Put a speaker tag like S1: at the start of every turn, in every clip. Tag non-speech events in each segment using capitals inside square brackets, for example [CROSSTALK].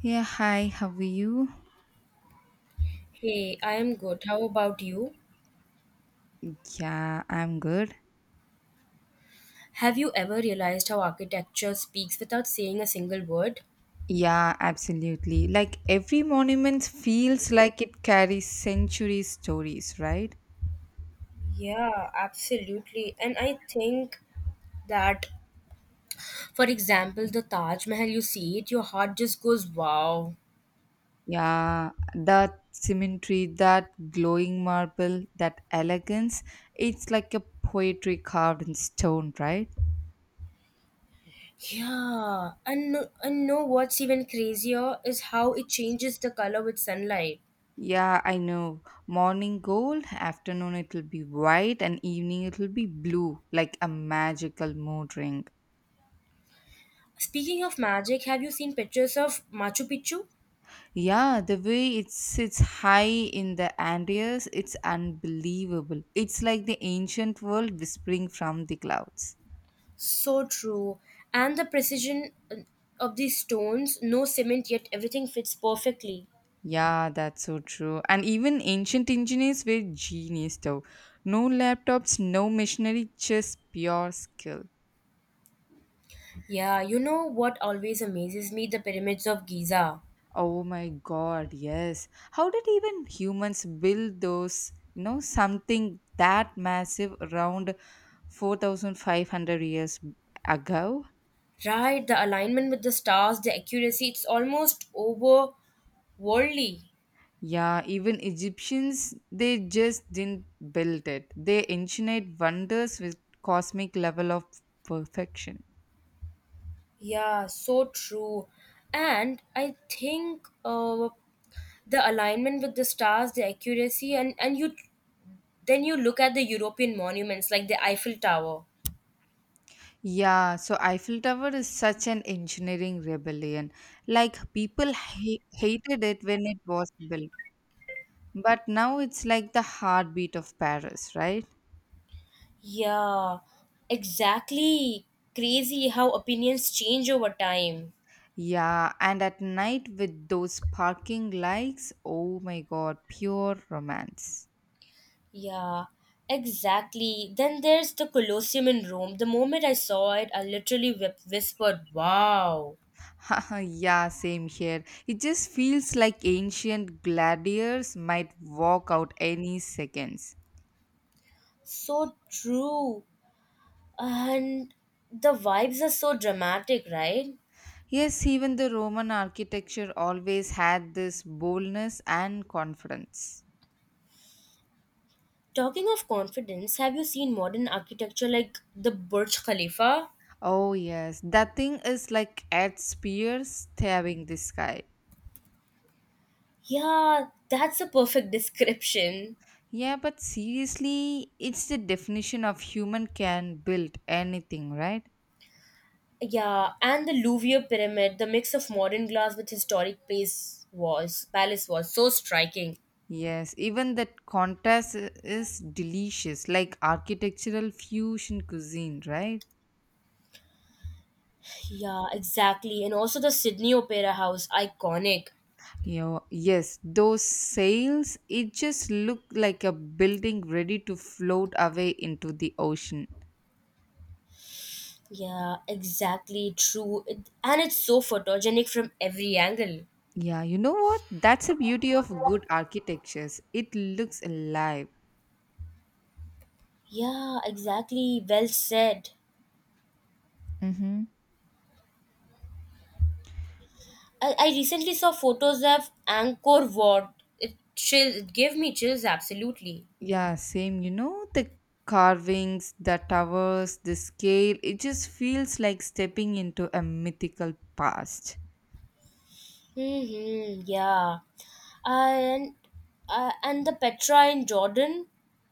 S1: Yeah, hi, how are you?
S2: Hey, I am good. How about you?
S1: Yeah, I'm good.
S2: Have you ever realized how architecture speaks without saying a single word?
S1: Yeah, absolutely. Like every monument feels like it carries century stories, right?
S2: Yeah, absolutely. And I think that, for example, the Taj Mahal, you see it, your heart just goes, wow.
S1: Yeah, that symmetry, that glowing marble, that elegance, it's like a poetry carved in stone, right?
S2: Yeah, and no, and know what's even crazier is how it changes the color with sunlight.
S1: Yeah, I know. Morning gold, afternoon it'll be white, and evening it'll be blue, like a magical mood ring.
S2: Speaking of magic, have you seen pictures of Machu Picchu?
S1: Yeah, the way it sits high in the Andes, it's unbelievable. It's like the ancient world whispering from the clouds.
S2: So true. And the precision of these stones, no cement, yet everything fits perfectly.
S1: Yeah, that's so true. And even ancient engineers were genius though. No laptops, no machinery, just pure skill.
S2: Yeah, you know what always amazes me? The pyramids of Giza.
S1: Oh my god, yes. How did even humans build those, you know, something that massive around 4500 years ago?
S2: Right, the alignment with the stars, the accuracy, it's almost overworldly.
S1: Yeah, even Egyptians, they just didn't build it. They engineered wonders with cosmic level of perfection.
S2: Yeah, so true. And I think the alignment with the stars, the accuracy, and you then you look at the European monuments like the Eiffel Tower.
S1: Yeah, so Eiffel Tower is such an engineering rebellion. Like people hated it when it was built, but now it's like the heartbeat of Paris, right?
S2: Yeah, exactly. Crazy how opinions change over time.
S1: Yeah, and at night with those parking lights, oh my god, pure romance.
S2: Yeah, exactly. Then there's the Colosseum in Rome. The moment I saw it, I literally whispered, wow.
S1: [LAUGHS] yeah, same here. It just feels like ancient gladiators might walk out any seconds.
S2: So true. And the vibes are so dramatic, right?
S1: Yes, even the Roman architecture always had this boldness and confidence.
S2: Talking of confidence, have you seen modern architecture like the Burj Khalifa?
S1: Oh, yes, that thing is like at spears stabbing the sky.
S2: Yeah, that's a perfect [LAUGHS] description.
S1: Yeah, but seriously, it's the definition of human can build anything, right?
S2: Yeah, and the Louvre pyramid, the mix of modern glass with historic place was palace was so striking.
S1: Yes, even that contrast is delicious, like architectural fusion cuisine, right?
S2: Yeah, exactly. And also the Sydney Opera House, iconic.
S1: You know, yes, those sails, it just looked like a building ready to float away into the ocean.
S2: Yeah, exactly, true. And it's so photogenic from every angle.
S1: Yeah, you know what? That's the beauty of good architectures. It looks alive.
S2: Yeah, exactly. Well said.
S1: Mm-hmm.
S2: I recently saw photos of Angkor Wat. It gave me chills absolutely.
S1: Yeah, same. You know, the carvings, the towers, the scale, it just feels like stepping into a mythical past.
S2: Mm-hmm, yeah. And and the Petra in Jordan,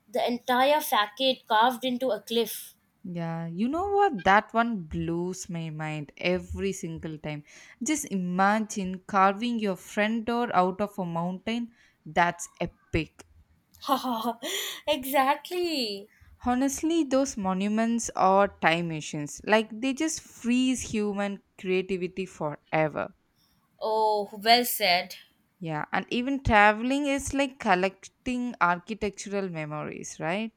S2: the entire facade carved into a cliff.
S1: Yeah, you know what? That one blows my mind every single time. Just imagine carving your front door out of a mountain. That's epic.
S2: [LAUGHS] exactly.
S1: Honestly, those monuments are time machines. Like they just freeze human creativity forever.
S2: Oh, well said.
S1: Yeah, and even traveling is like collecting architectural memories, right?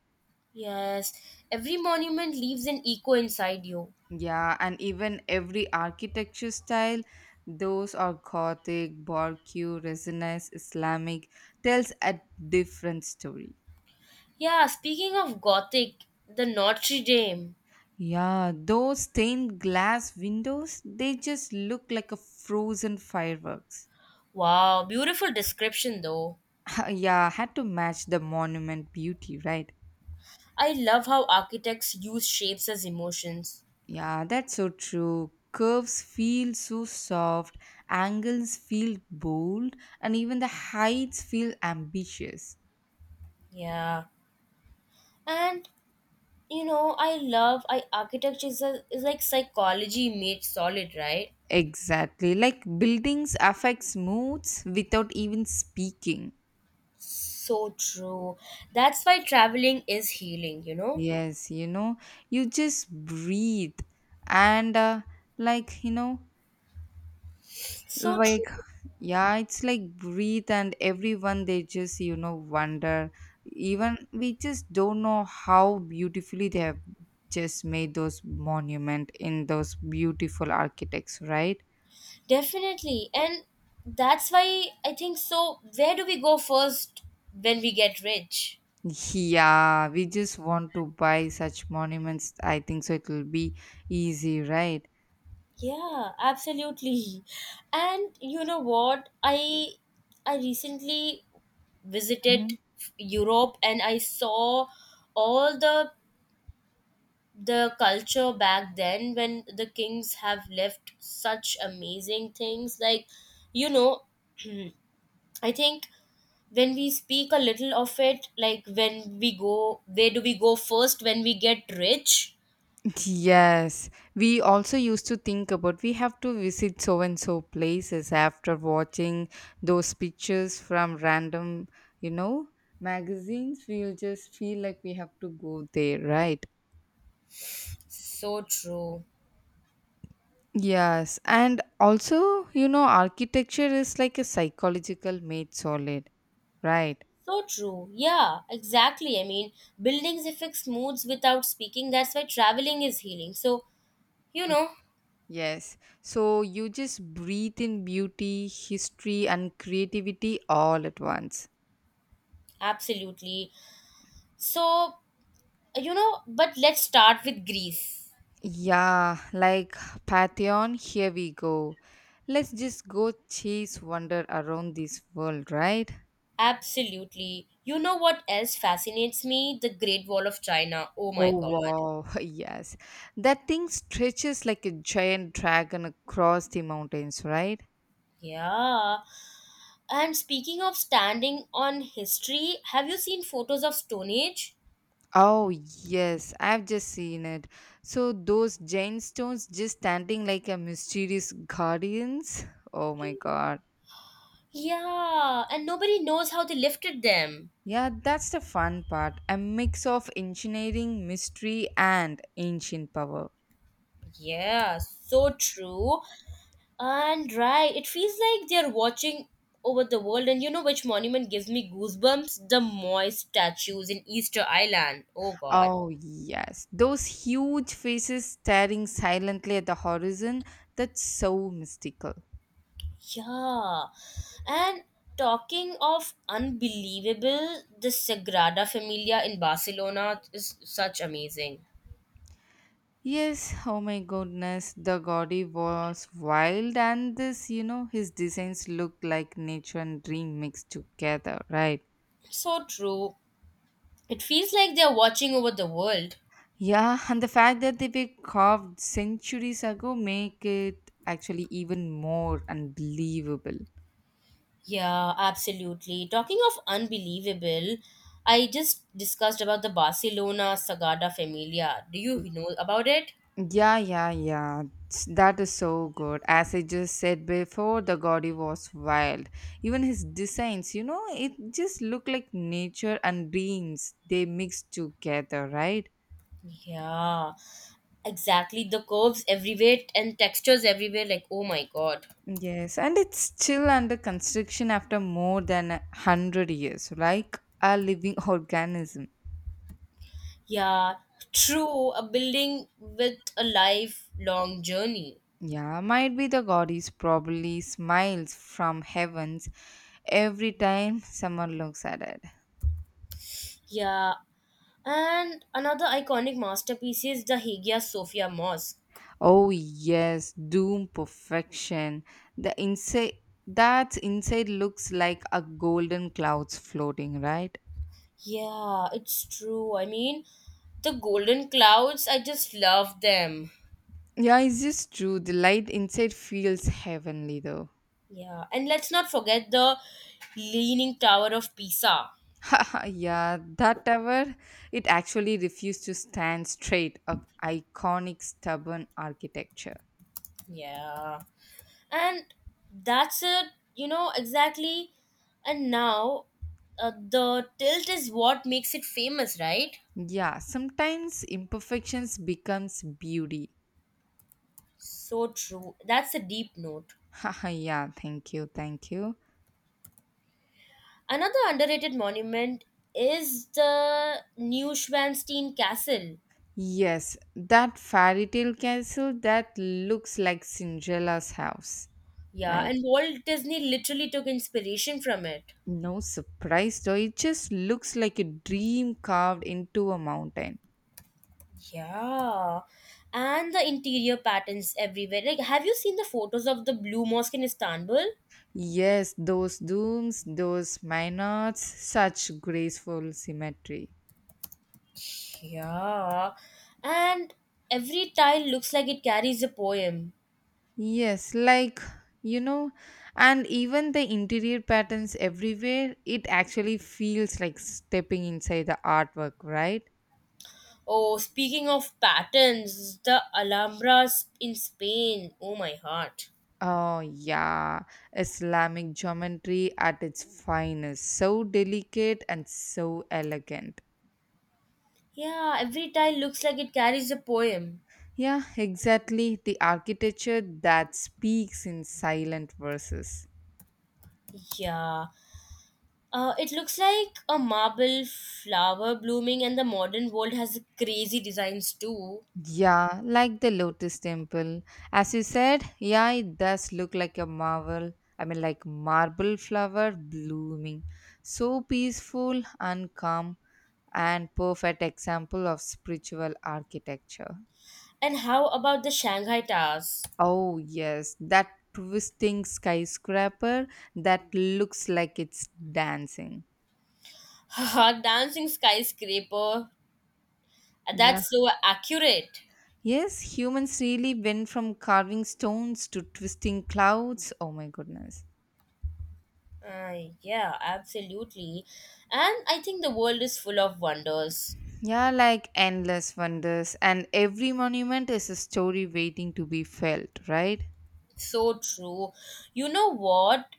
S2: Yes, every monument leaves an echo inside you.
S1: Yeah, and even every architecture style, those are Gothic, Baroque, Renaissance, Islamic, tells a different story.
S2: Yeah, speaking of Gothic, the Notre Dame.
S1: Yeah, those stained glass windows, they just look like a frozen fireworks.
S2: Wow, beautiful description though.
S1: [LAUGHS] yeah, had to match the monument beauty, right?
S2: I love how architects use shapes as emotions.
S1: Yeah, that's so true. Curves feel so soft, angles feel bold, and even the heights feel ambitious.
S2: Yeah. And you know I love I architecture is, is like psychology made solid, right.
S1: Exactly. Like buildings affects moods without even speaking.
S2: So true, that's why traveling is healing, you know.
S1: Yes, you know, you just breathe and like, you know,
S2: So true,
S1: like yeah, it's like breathe and everyone they just, you know, wonder. Even we just don't know how beautifully they have just made those monument in those beautiful architects, right?
S2: definitely, and that's why I think, so where do we go first when we get rich?
S1: Yeah, we just want to buy such monuments. I think so. It will be easy, right?
S2: Yeah, absolutely. And you know what, I recently visited
S1: Mhm.
S2: Europe, and I saw all the culture back then when the kings have left such amazing things, like, you know, I think, when we speak a little of it, like when we go, where do we go first when we get rich?
S1: Yes, we also used to think about we have to visit so and so places after watching those pictures from random, you know, magazines. We'll just feel like we have to go there, right?
S2: So true.
S1: Yes, and also, you know, architecture is like a psychological made solid, right?
S2: So true, yeah, exactly, I mean, buildings affect moods without speaking, that's why traveling is healing, so, you know.
S1: Yes. So you just breathe in beauty, history, and creativity all at once.
S2: Absolutely. So, you know, but let's start with Greece.
S1: Yeah, like Pantheon, here we go. Let's just go chase wonder around this world, right?
S2: Absolutely. You know what else fascinates me? The Great Wall of China. Oh my
S1: Oh,
S2: god.
S1: wow. [LAUGHS] Yes. That thing stretches like a giant dragon across the mountains, right?
S2: Yeah. And speaking of standing on history, have you seen photos of Stone Age?
S1: Oh, yes. I've just seen it. So, those giant stones just standing like a mysterious guardians. Oh, my God.
S2: Yeah, and nobody knows how they lifted them.
S1: Yeah, that's the fun part. A mix of engineering, mystery, and ancient power.
S2: Yeah, so true. And right, it feels like they're watching over the world. And you know which monument gives me goosebumps? The Moy statues in Easter Island. Oh god.
S1: Oh, yes. Those huge faces staring silently at the horizon. That's so mystical.
S2: Yeah. And talking of unbelievable, the Sagrada Familia in Barcelona is such amazing.
S1: Yes, oh my goodness. The Gaudi was wild, and this, you know, his designs look like nature and dream mixed together, right?
S2: So true. It feels like they're watching over the world.
S1: Yeah, and the fact that they were carved centuries ago make it actually even more unbelievable.
S2: Yeah, absolutely. Talking of unbelievable, I just discussed about the Barcelona Sagrada Familia. Do you know about it?
S1: Yeah, yeah, yeah. That is so good. As I just said before, the Gaudi was wild. Even his designs, you know, it just looked like nature and dreams they mixed together, right?
S2: Yeah, exactly. The curves everywhere and textures everywhere. Like, oh my god.
S1: Yes, and it's still under construction after more than 100 years, like a living [LAUGHS] organism.
S2: Yeah, true. A building with a lifelong journey.
S1: Yeah, might be the goddess probably smiles from heavens every time someone looks at it.
S2: Yeah, and another iconic masterpiece is the Hagia Sophia Mosque.
S1: Oh yes, Doom Perfection. The inside that inside looks like a golden clouds floating, right?
S2: Yeah, it's true. I mean, the golden clouds, I just love them.
S1: Yeah, it's just true. The light inside feels heavenly though.
S2: Yeah, and let's not forget the Leaning Tower of Pisa.
S1: [LAUGHS] yeah, that tower it actually refused to stand straight, a iconic stubborn architecture.
S2: Yeah, and that's it, you know, exactly. And now the tilt is what makes it famous, right?
S1: Yeah, sometimes imperfections becomes beauty.
S2: So true. That's a deep note.
S1: [LAUGHS] yeah, thank you, thank you.
S2: Another underrated monument is the Neuschwanstein Castle.
S1: Yes, that fairy tale castle that looks like Cinderella's house,
S2: Yeah,
S1: right?
S2: and Walt Disney literally took inspiration from it.
S1: No surprise though, it just looks like a dream carved into a mountain.
S2: Yeah. And the interior patterns everywhere. Like, have you seen the photos of the Blue Mosque in Istanbul?
S1: Yes, those domes, those minards, such graceful symmetry.
S2: Yeah. And every tile looks like it carries a poem.
S1: Yes, like you know, and even the interior patterns everywhere, it actually feels like stepping inside the artwork, right?
S2: Oh, speaking of patterns, the Alhambra in Spain. Oh, my heart.
S1: Oh, yeah, Islamic geometry at its finest. So delicate and so elegant.
S2: Yeah, every tile looks like it carries a poem.
S1: Yeah, exactly. The architecture that speaks in silent verses.
S2: Yeah. It looks like a marble flower blooming, and the modern world has crazy designs too.
S1: Yeah, like the Lotus Temple. As you said, yeah, it does look like a marvel. I mean, like marble flower blooming. So peaceful and calm, and perfect example of spiritual architecture.
S2: And how about the Shanghai Towers?
S1: Oh, yes, that twisting skyscraper that looks like it's dancing.
S2: Haha, [LAUGHS] dancing skyscraper.
S1: Yeah.
S2: That's so accurate.
S1: Yes, humans really went from carving stones to twisting clouds. Oh my goodness.
S2: Uh, yeah, absolutely. And I think the world is full of wonders.
S1: Yeah, like endless wonders, and every monument is a story waiting to be felt, right?
S2: So true. You know what?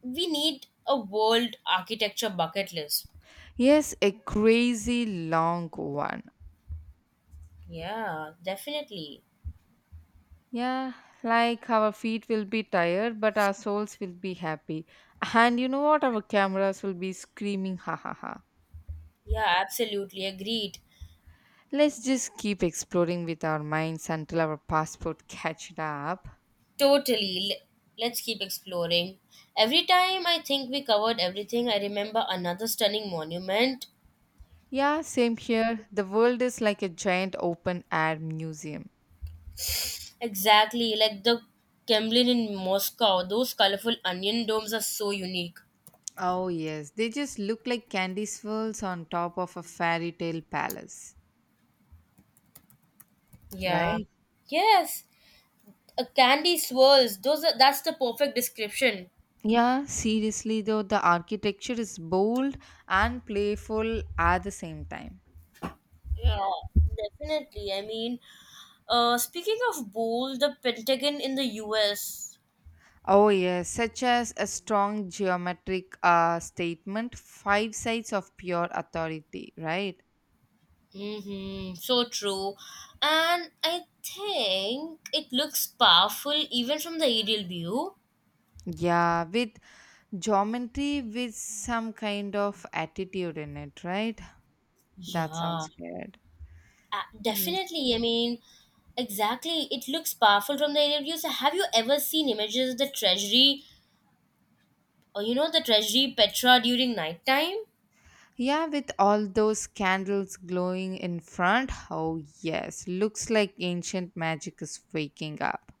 S2: We need a world architecture bucket list.
S1: Yes, a crazy long one.
S2: Yeah, definitely.
S1: Yeah, like our feet will be tired, but our souls will be happy. And you know what? Our cameras will be screaming, ha ha ha.
S2: Yeah, absolutely. Agreed.
S1: Let's just keep exploring with our minds until our passport [LAUGHS] catches up.
S2: Totally. Let's keep exploring. Every time I think we covered everything, I remember another stunning monument.
S1: Yeah, same here. The world is like a giant open air museum.
S2: Exactly, like the Kremlin in Moscow. Those colorful onion domes are so unique.
S1: Oh, yes, they just look like candy swirls on top of a fairy tale palace.
S2: Yeah.
S1: Right?
S2: Yes. A candy swirls. Those are, that's the perfect description.
S1: Yeah, seriously though, the architecture is bold and playful at the same time.
S2: Yeah, definitely. I mean, speaking of bold, the Pentagon in the US.
S1: Oh, yes, such as a strong geometric statement, five sides of pure authority, right?
S2: Mm-hmm. So true. And I think it looks powerful even from the aerial view.
S1: Yeah, with geometry with some kind of attitude in it, right? That
S2: Yeah,
S1: sounds weird. Yes.
S2: definitely. I mean, exactly. It looks powerful from the aerial view. So, have you ever seen images of the treasury or, you know, the treasury Petra during nighttime?
S1: Yeah, with all those candles glowing in front. Oh, yes. Looks like ancient magic is waking up.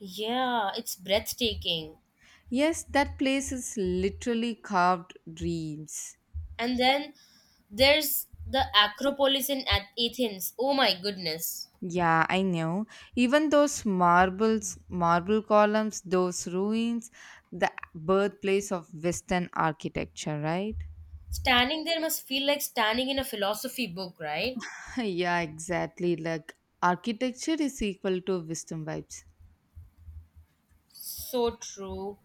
S2: Yeah, it's breathtaking.
S1: Yes, that place is literally carved dreams.
S2: And then there's the Acropolis in Athens. Oh my goodness.
S1: Yeah, I know. Even those marbles, marble columns, those ruins, the birthplace of Western architecture, right?
S2: Standing there must feel like standing in a philosophy book, right?
S1: [LAUGHS] yeah, exactly. Like architecture is equal to wisdom vibes.
S2: So true.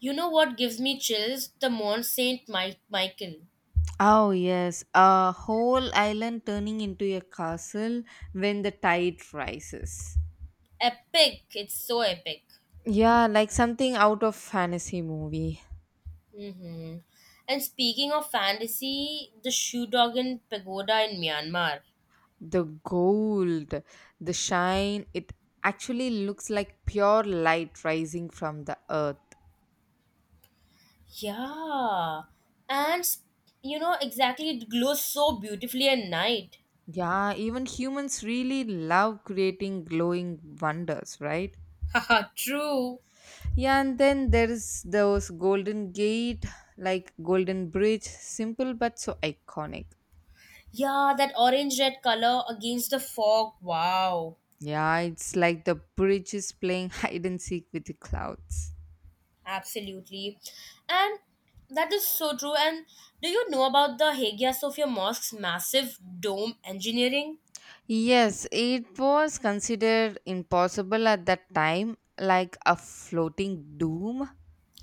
S2: You know what gives me chills? The Mont Saint Michael.
S1: Oh yes, a whole island turning into a castle when the tide rises.
S2: Epic. It's so epic.
S1: Yeah, like something out of fantasy movie.
S2: Hmm. And speaking of fantasy, the Shudogan Pagoda in Myanmar.
S1: The gold, the shine, it actually looks like pure light rising from the earth.
S2: Yeah. And you know exactly it glows so beautifully at night.
S1: Yeah, even humans really love creating glowing wonders, right?
S2: [LAUGHS] Haha, true.
S1: Yeah, and then there's those Golden Gate, like Golden Bridge, simple but so iconic.
S2: Yeah, that orange red color against the fog. Wow.
S1: Yeah, it's like the bridge is playing [LAUGHS] hide and seek with the clouds.
S2: Absolutely. And that is so true. And do you know about the Hagia Sophia Mosque's massive dome engineering?
S1: Yes, it was considered impossible at that time, like a floating doom.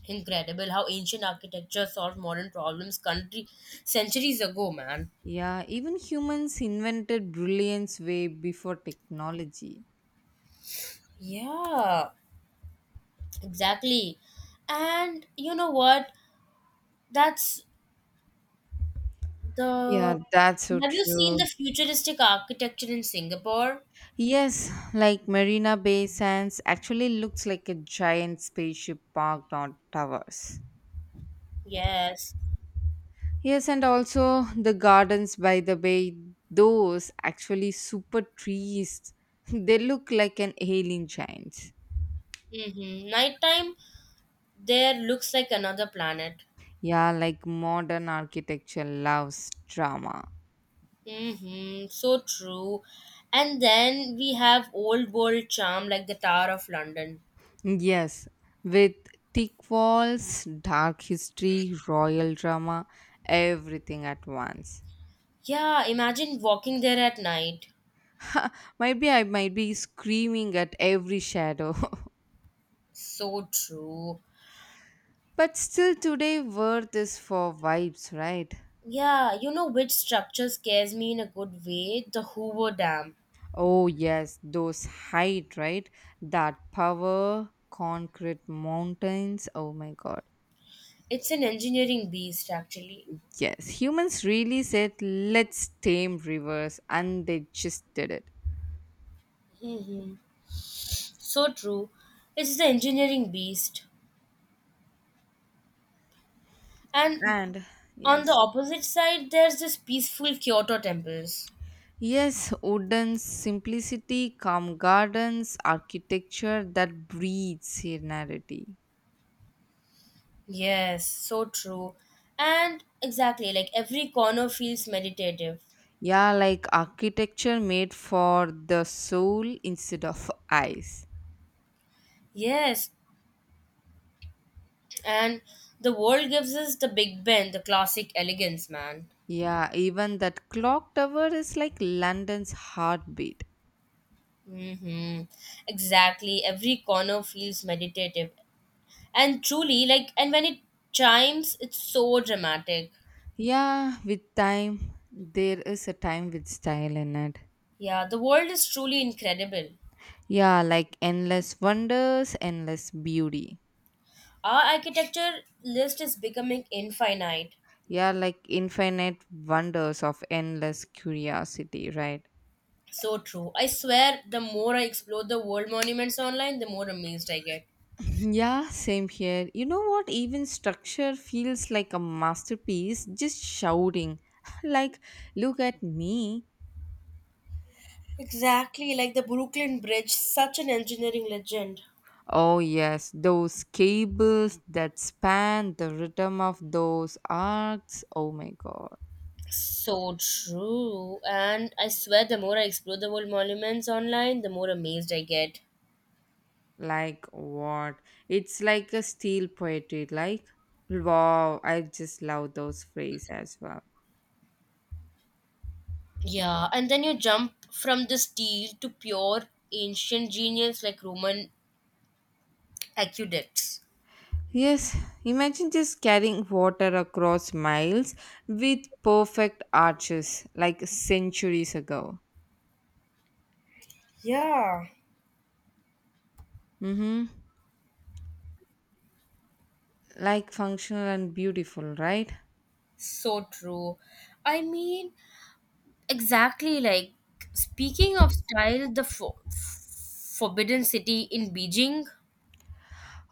S2: Incredible how ancient architecture solved modern problems country centuries ago, man.
S1: Yeah, even humans invented brilliance way before technology.
S2: Yeah, exactly. And you know what? That's
S1: Yeah,
S2: the
S1: that's so
S2: have you seen the
S1: true.
S2: futuristic architecture in Singapore?
S1: Yes, like Marina Bay Sands actually looks like a giant spaceship parked on towers.
S2: Yes.
S1: Yes, and also the gardens by the bay, those actually super trees. [LAUGHS] They look like an alien giant.
S2: Mm-hmm. Nighttime there looks like another planet.
S1: Yeah, like modern architecture loves drama.
S2: Mm-hmm, so true. And then we have old world charm like the Tower of London.
S1: Yes, with thick walls, dark history, royal drama, everything at once.
S2: Yeah, imagine walking there at night.
S1: [LAUGHS] Maybe I might be screaming at every shadow.
S2: So true.
S1: [LAUGHS] but still, today, worth is for vibes, right?
S2: Yeah, you know which structure scares me in a good way? The Hoover Dam.
S1: Oh, yes, those height, right? That power, concrete mountains. Oh my god.
S2: It's an engineering beast, actually.
S1: Yes, humans really said, let's tame rivers, and they just did it.
S2: Mm-hmm. So true. It's the engineering beast. And
S1: And
S2: on the
S1: yes.
S2: opposite side, there's this peaceful Kyoto temples.
S1: Yes, wooden simplicity, calm gardens, architecture that breeds serenity.
S2: Yes, so true. And exactly, like every corner feels meditative.
S1: Yeah, like architecture made for the soul instead of eyes.
S2: Yes, and the world gives us the Big Ben, the classic elegance, man.
S1: Yeah, even that clock tower is like London's heartbeat.
S2: Mm-hmm. Exactly, every corner feels meditative. And truly, like, and when it chimes, it's so dramatic.
S1: Yeah, with time, there is a time with style in it.
S2: Yeah, the world is truly incredible.
S1: Yeah, like endless wonders, endless beauty.
S2: Our architecture list is becoming infinite.
S1: Yeah, like infinite wonders of endless curiosity, right?
S2: So true. I swear, the more I explore the world monuments online, the more amazed I get.
S1: Yeah, same here. You know what? Even structure feels like a masterpiece, just shouting, [LAUGHS] like, look at me.
S2: Exactly like the Brooklyn Bridge, such an engineering legend.
S1: Oh, yes, those cables that span the rhythm of those arcs. Oh my god.
S2: So true. And I swear, the more I explore the world monuments online, the more amazed I get.
S1: Like, what? It's like a steel poetry. Like, wow, I just love those phrases as well.
S2: Yeah, and then you jump from the steel to pure ancient genius like Roman aqueducts.
S1: Yes, imagine just carrying water across miles with perfect arches like centuries ago.
S2: Yeah.
S1: Mm-hmm. Like functional and beautiful, right?
S2: So true. I mean, exactly, like speaking of style, the Forbidden City in Beijing.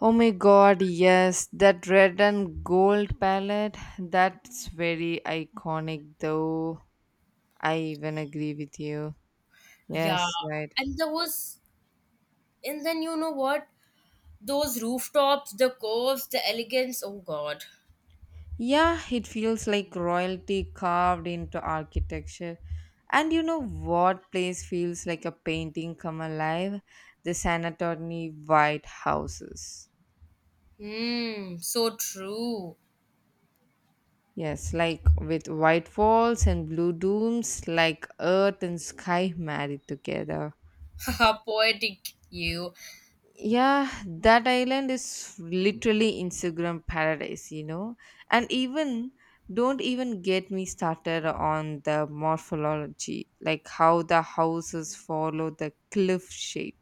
S1: Oh my god, yes, that red and gold palette, that's very iconic though. I even agree with you.
S2: Yeah,
S1: Yes, right.
S2: and there was and then you know what? Those rooftops, the curves, the elegance. Oh God.
S1: Yeah, it feels like royalty carved into architecture. And you know what place feels like a painting come alive? The San Antonio White Houses.
S2: Hmm. So true.
S1: Yes, like with white walls and blue domes, like earth and sky married together.
S2: [LAUGHS] Haha, poetic. You.
S1: Yeah, that island is literally Instagram paradise, you know. And even don't even get me started on the morphology, like how the houses follow the cliff shape.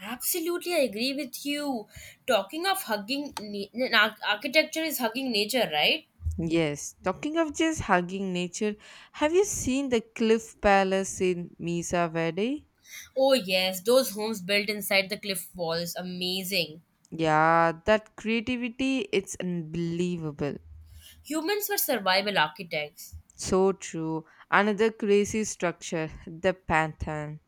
S2: Absolutely, I agree with you. Talking of hugging, architecture is hugging nature, right?
S1: Yes, talking of just hugging nature, have you seen the cliff palace in Misa Verde?
S2: Oh yes, those homes built inside the cliff walls. Amazing.
S1: Yeah, that creativity it's unbelievable.
S2: Humans were survival architects.
S1: So true. Another crazy structure, the Pantheon.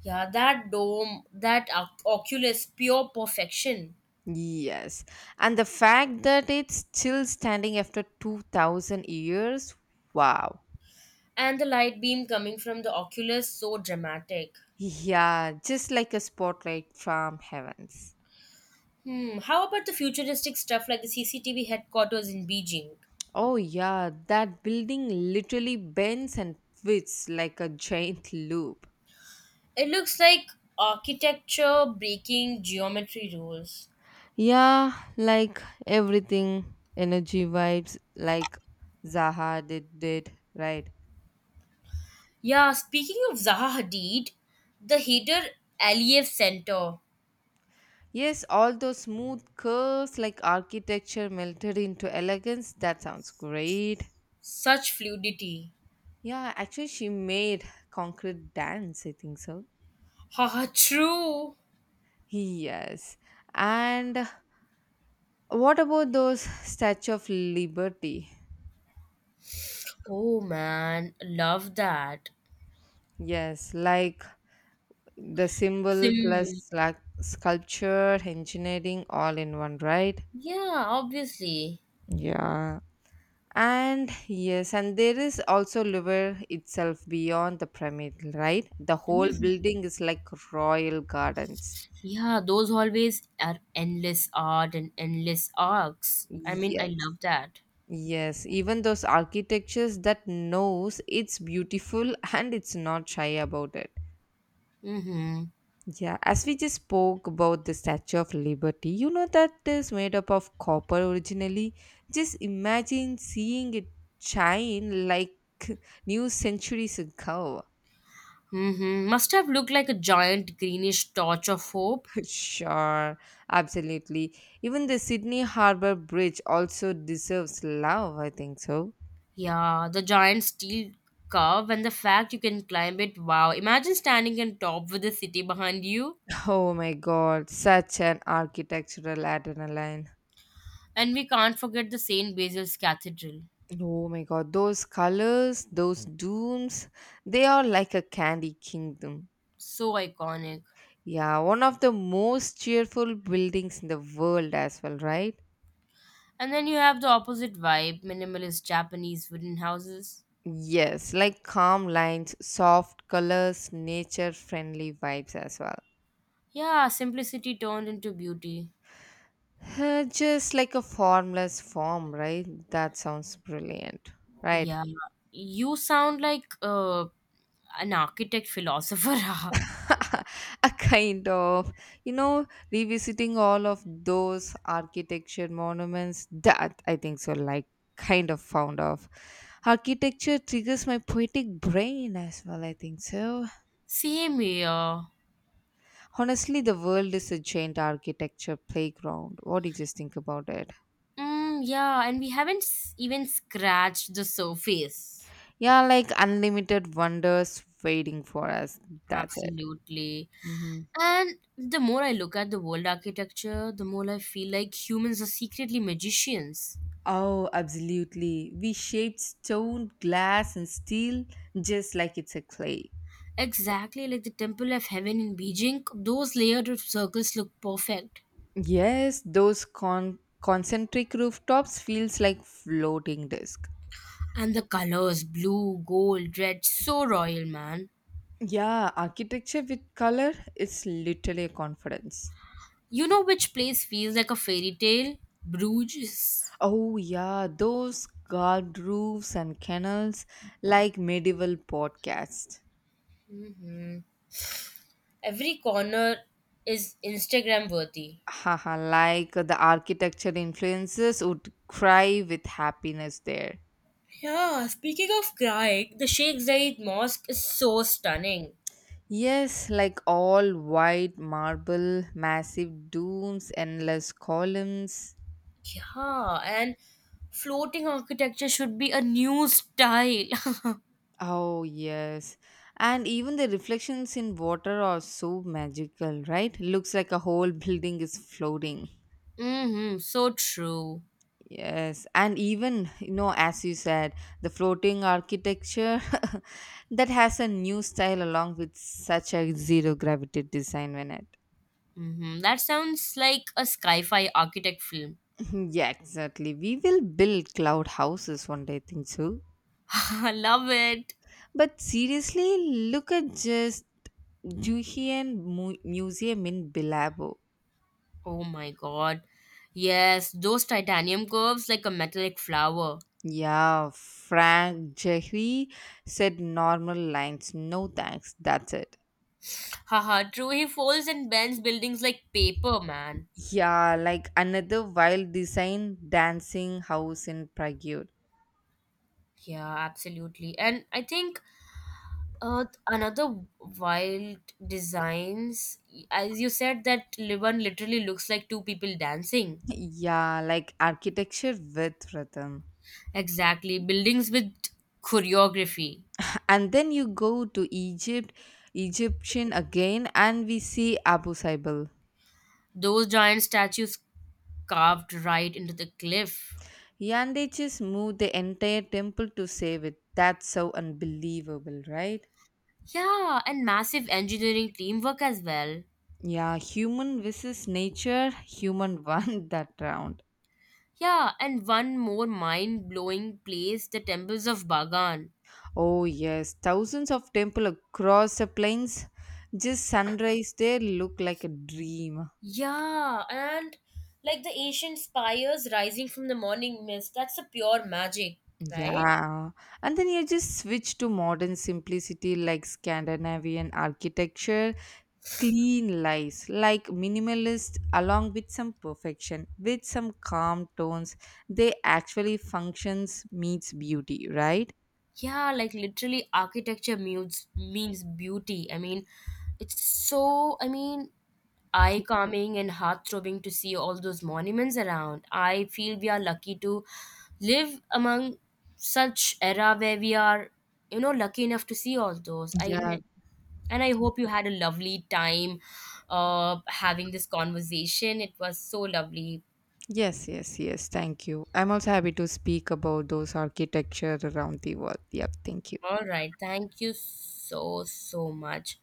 S2: Yeah, that dome, that oculus, pure perfection.
S1: Yes. And the fact that it's still standing after 2000 years, wow.
S2: And the light beam coming from the oculus, so dramatic.
S1: Yeah, just like a spotlight from heavens.
S2: Hmm. How about the futuristic stuff like the CCTV headquarters in Beijing?
S1: Oh, yeah, that building literally bends and twists like a giant loop.
S2: It looks like architecture breaking geometry rules.
S1: Yeah, like everything, energy vibes, like Zaha did right?
S2: Yeah, speaking of Zaha Hadid, the Haider Aliyev Center.
S1: Yes, all those smooth curves like architecture melted into elegance. That sounds great.
S2: Such fluidity.
S1: Yeah, actually, she made concrete dance, I think so.
S2: Haha, true.
S1: Yes. And what about those Statue of Liberty?
S2: Oh man, love that.
S1: Yes, like the symbol
S2: Sim.
S1: plus like sculpture, engineering, all in one, right?
S2: Yeah, obviously.
S1: Yeah. And yes, and there is also Louvre itself beyond the pyramid, right? The whole building is like royal gardens.
S2: Yeah, those hallways are endless art and endless arcs. I mean, I
S1: Yes.
S2: love that.
S1: Yes, even those architectures that knows it's beautiful [LAUGHS] and it's not shy about it.
S2: Mm-hmm.
S1: Yeah, as we just spoke about the Statue of Liberty, you know that is made up of copper originally. Just imagine seeing it shine like [LAUGHS] new centuries ago.
S2: Hmm. Must have looked like a giant greenish torch of hope.
S1: [LAUGHS] sure, absolutely. Even the Sydney Harbour Bridge also deserves love, I think so.
S2: Yeah, the giant steel curve and the fact you can climb it. Wow, imagine standing on top with the city behind you.
S1: [LAUGHS] Oh my god, such an architectural adrenaline.
S2: And we can't forget the St. Basil's Cathedral.
S1: Oh my god, those colors, those dunes, they are like a candy kingdom.
S2: So iconic.
S1: Yeah, one of the most cheerful buildings in the world as well, right?
S2: And then you have the opposite vibe minimalist Japanese wooden houses.
S1: Yes, like calm lines, soft colors, nature friendly vibes as well.
S2: Yeah, simplicity turned into beauty.
S1: Just like a formless form, right? That sounds brilliant, right?
S2: Yeah, you sound like an architect philosopher.
S1: [LAUGHS] a kind of you know revisiting all of those architecture monuments that I think so, like kind of found off architecture triggers my poetic brain as well, I think so.
S2: [LAUGHS] Same here.
S1: Honestly, the world is a giant architecture playground. What do you just think about it?
S2: Mm, yeah, and we haven't even scratched the surface.
S1: Yeah, like unlimited wonders waiting for us. That's it.
S2: Absolutely.
S1: Hmm.
S2: And the more I look at the world architecture, the more I feel like humans are secretly magicians.
S1: Oh, absolutely. We shaped stone, glass, and steel just like it's a clay.
S2: Exactly like the Temple of Heaven in Beijing, those layered of circles look perfect.
S1: Yes, those concentric rooftops feels like floating disc.
S2: And the colors blue, gold, red, so royal, man.
S1: Yeah, architecture with color is literally a confidence.
S2: You know which place feels like a fairy tale? Bruges.
S1: Oh yeah, those carved roofs and kennels like medieval podcasts.
S2: Every corner is Instagram worthy.
S1: Haha, like the architecture influences would cry with happiness there.
S2: Yeah, speaking of Greek, the Sheikh Zayed Mosque is so stunning.
S1: Yes, like all white marble, massive domes, endless columns.
S2: Yeah, and floating architecture should be a new style. [LAUGHS]
S1: Oh, yes. And even the reflections in water are so magical, right? Looks like a whole [LAUGHS] building is floating.
S2: Mm-hmm, so true.
S1: Yes. And even, you know, as you said, the floating architecture [LAUGHS] that has a new style along with such a zero gravity design when it.
S2: Mm-hmm. That sounds like a sci-fi architect film.
S1: [LAUGHS] yeah, exactly. We will build cloud houses one day, I think so.
S2: [LAUGHS] I love it.
S1: But seriously, look at just Juhian Museum in Bilabo.
S2: Oh my god. Yes, those titanium curves like a metallic flower.
S1: Yeah, Frank Jehry said normal lines, no thanks, that's it.
S2: Haha, true. He folds and bends buildings like paper, man.
S1: Yeah, like another wild design dancing house in Prague.
S2: Yeah, absolutely. And I think another wild designs, as you said, that Liban literally looks like two people dancing.
S1: Yeah, like architecture with rhythm.
S2: Exactly, buildings with choreography.
S1: And then you go to Egypt, Egyptian again, and we see Abu Simbel.
S2: Those giant statues carved right into the cliff.
S1: Yeah, and they just moved the entire temple to save it. That's so unbelievable, right?
S2: Yeah, and massive engineering teamwork as well.
S1: Yeah, human versus nature, human [LAUGHS] won that round.
S2: Yeah, and one more mind blowing place the temples of Bagan.
S1: Oh, yes, thousands of temples across the plains. Just sunrise there look like a dream.
S2: Yeah, and like the ancient spires rising from the morning mist, that's a pure magic, right?
S1: Yeah. And then you just switch to modern simplicity like Scandinavian architecture, clean lights, like minimalist, along with some perfection, with some calm tones. They actually functions meets beauty, right?
S2: Yeah, like literally architecture means beauty. I mean, it's so, I mean, eye calming and heart throbbing to see all those monuments around. I feel we are lucky to live among such era where we are, you know, lucky enough to see all those.
S1: Yeah.
S2: I hope you had a lovely time having this conversation. It was so lovely.
S1: Yes, yes, yes. Thank you. I'm also happy to speak about those architecture around the world. Yep. Thank you.
S2: All right, thank you so so much.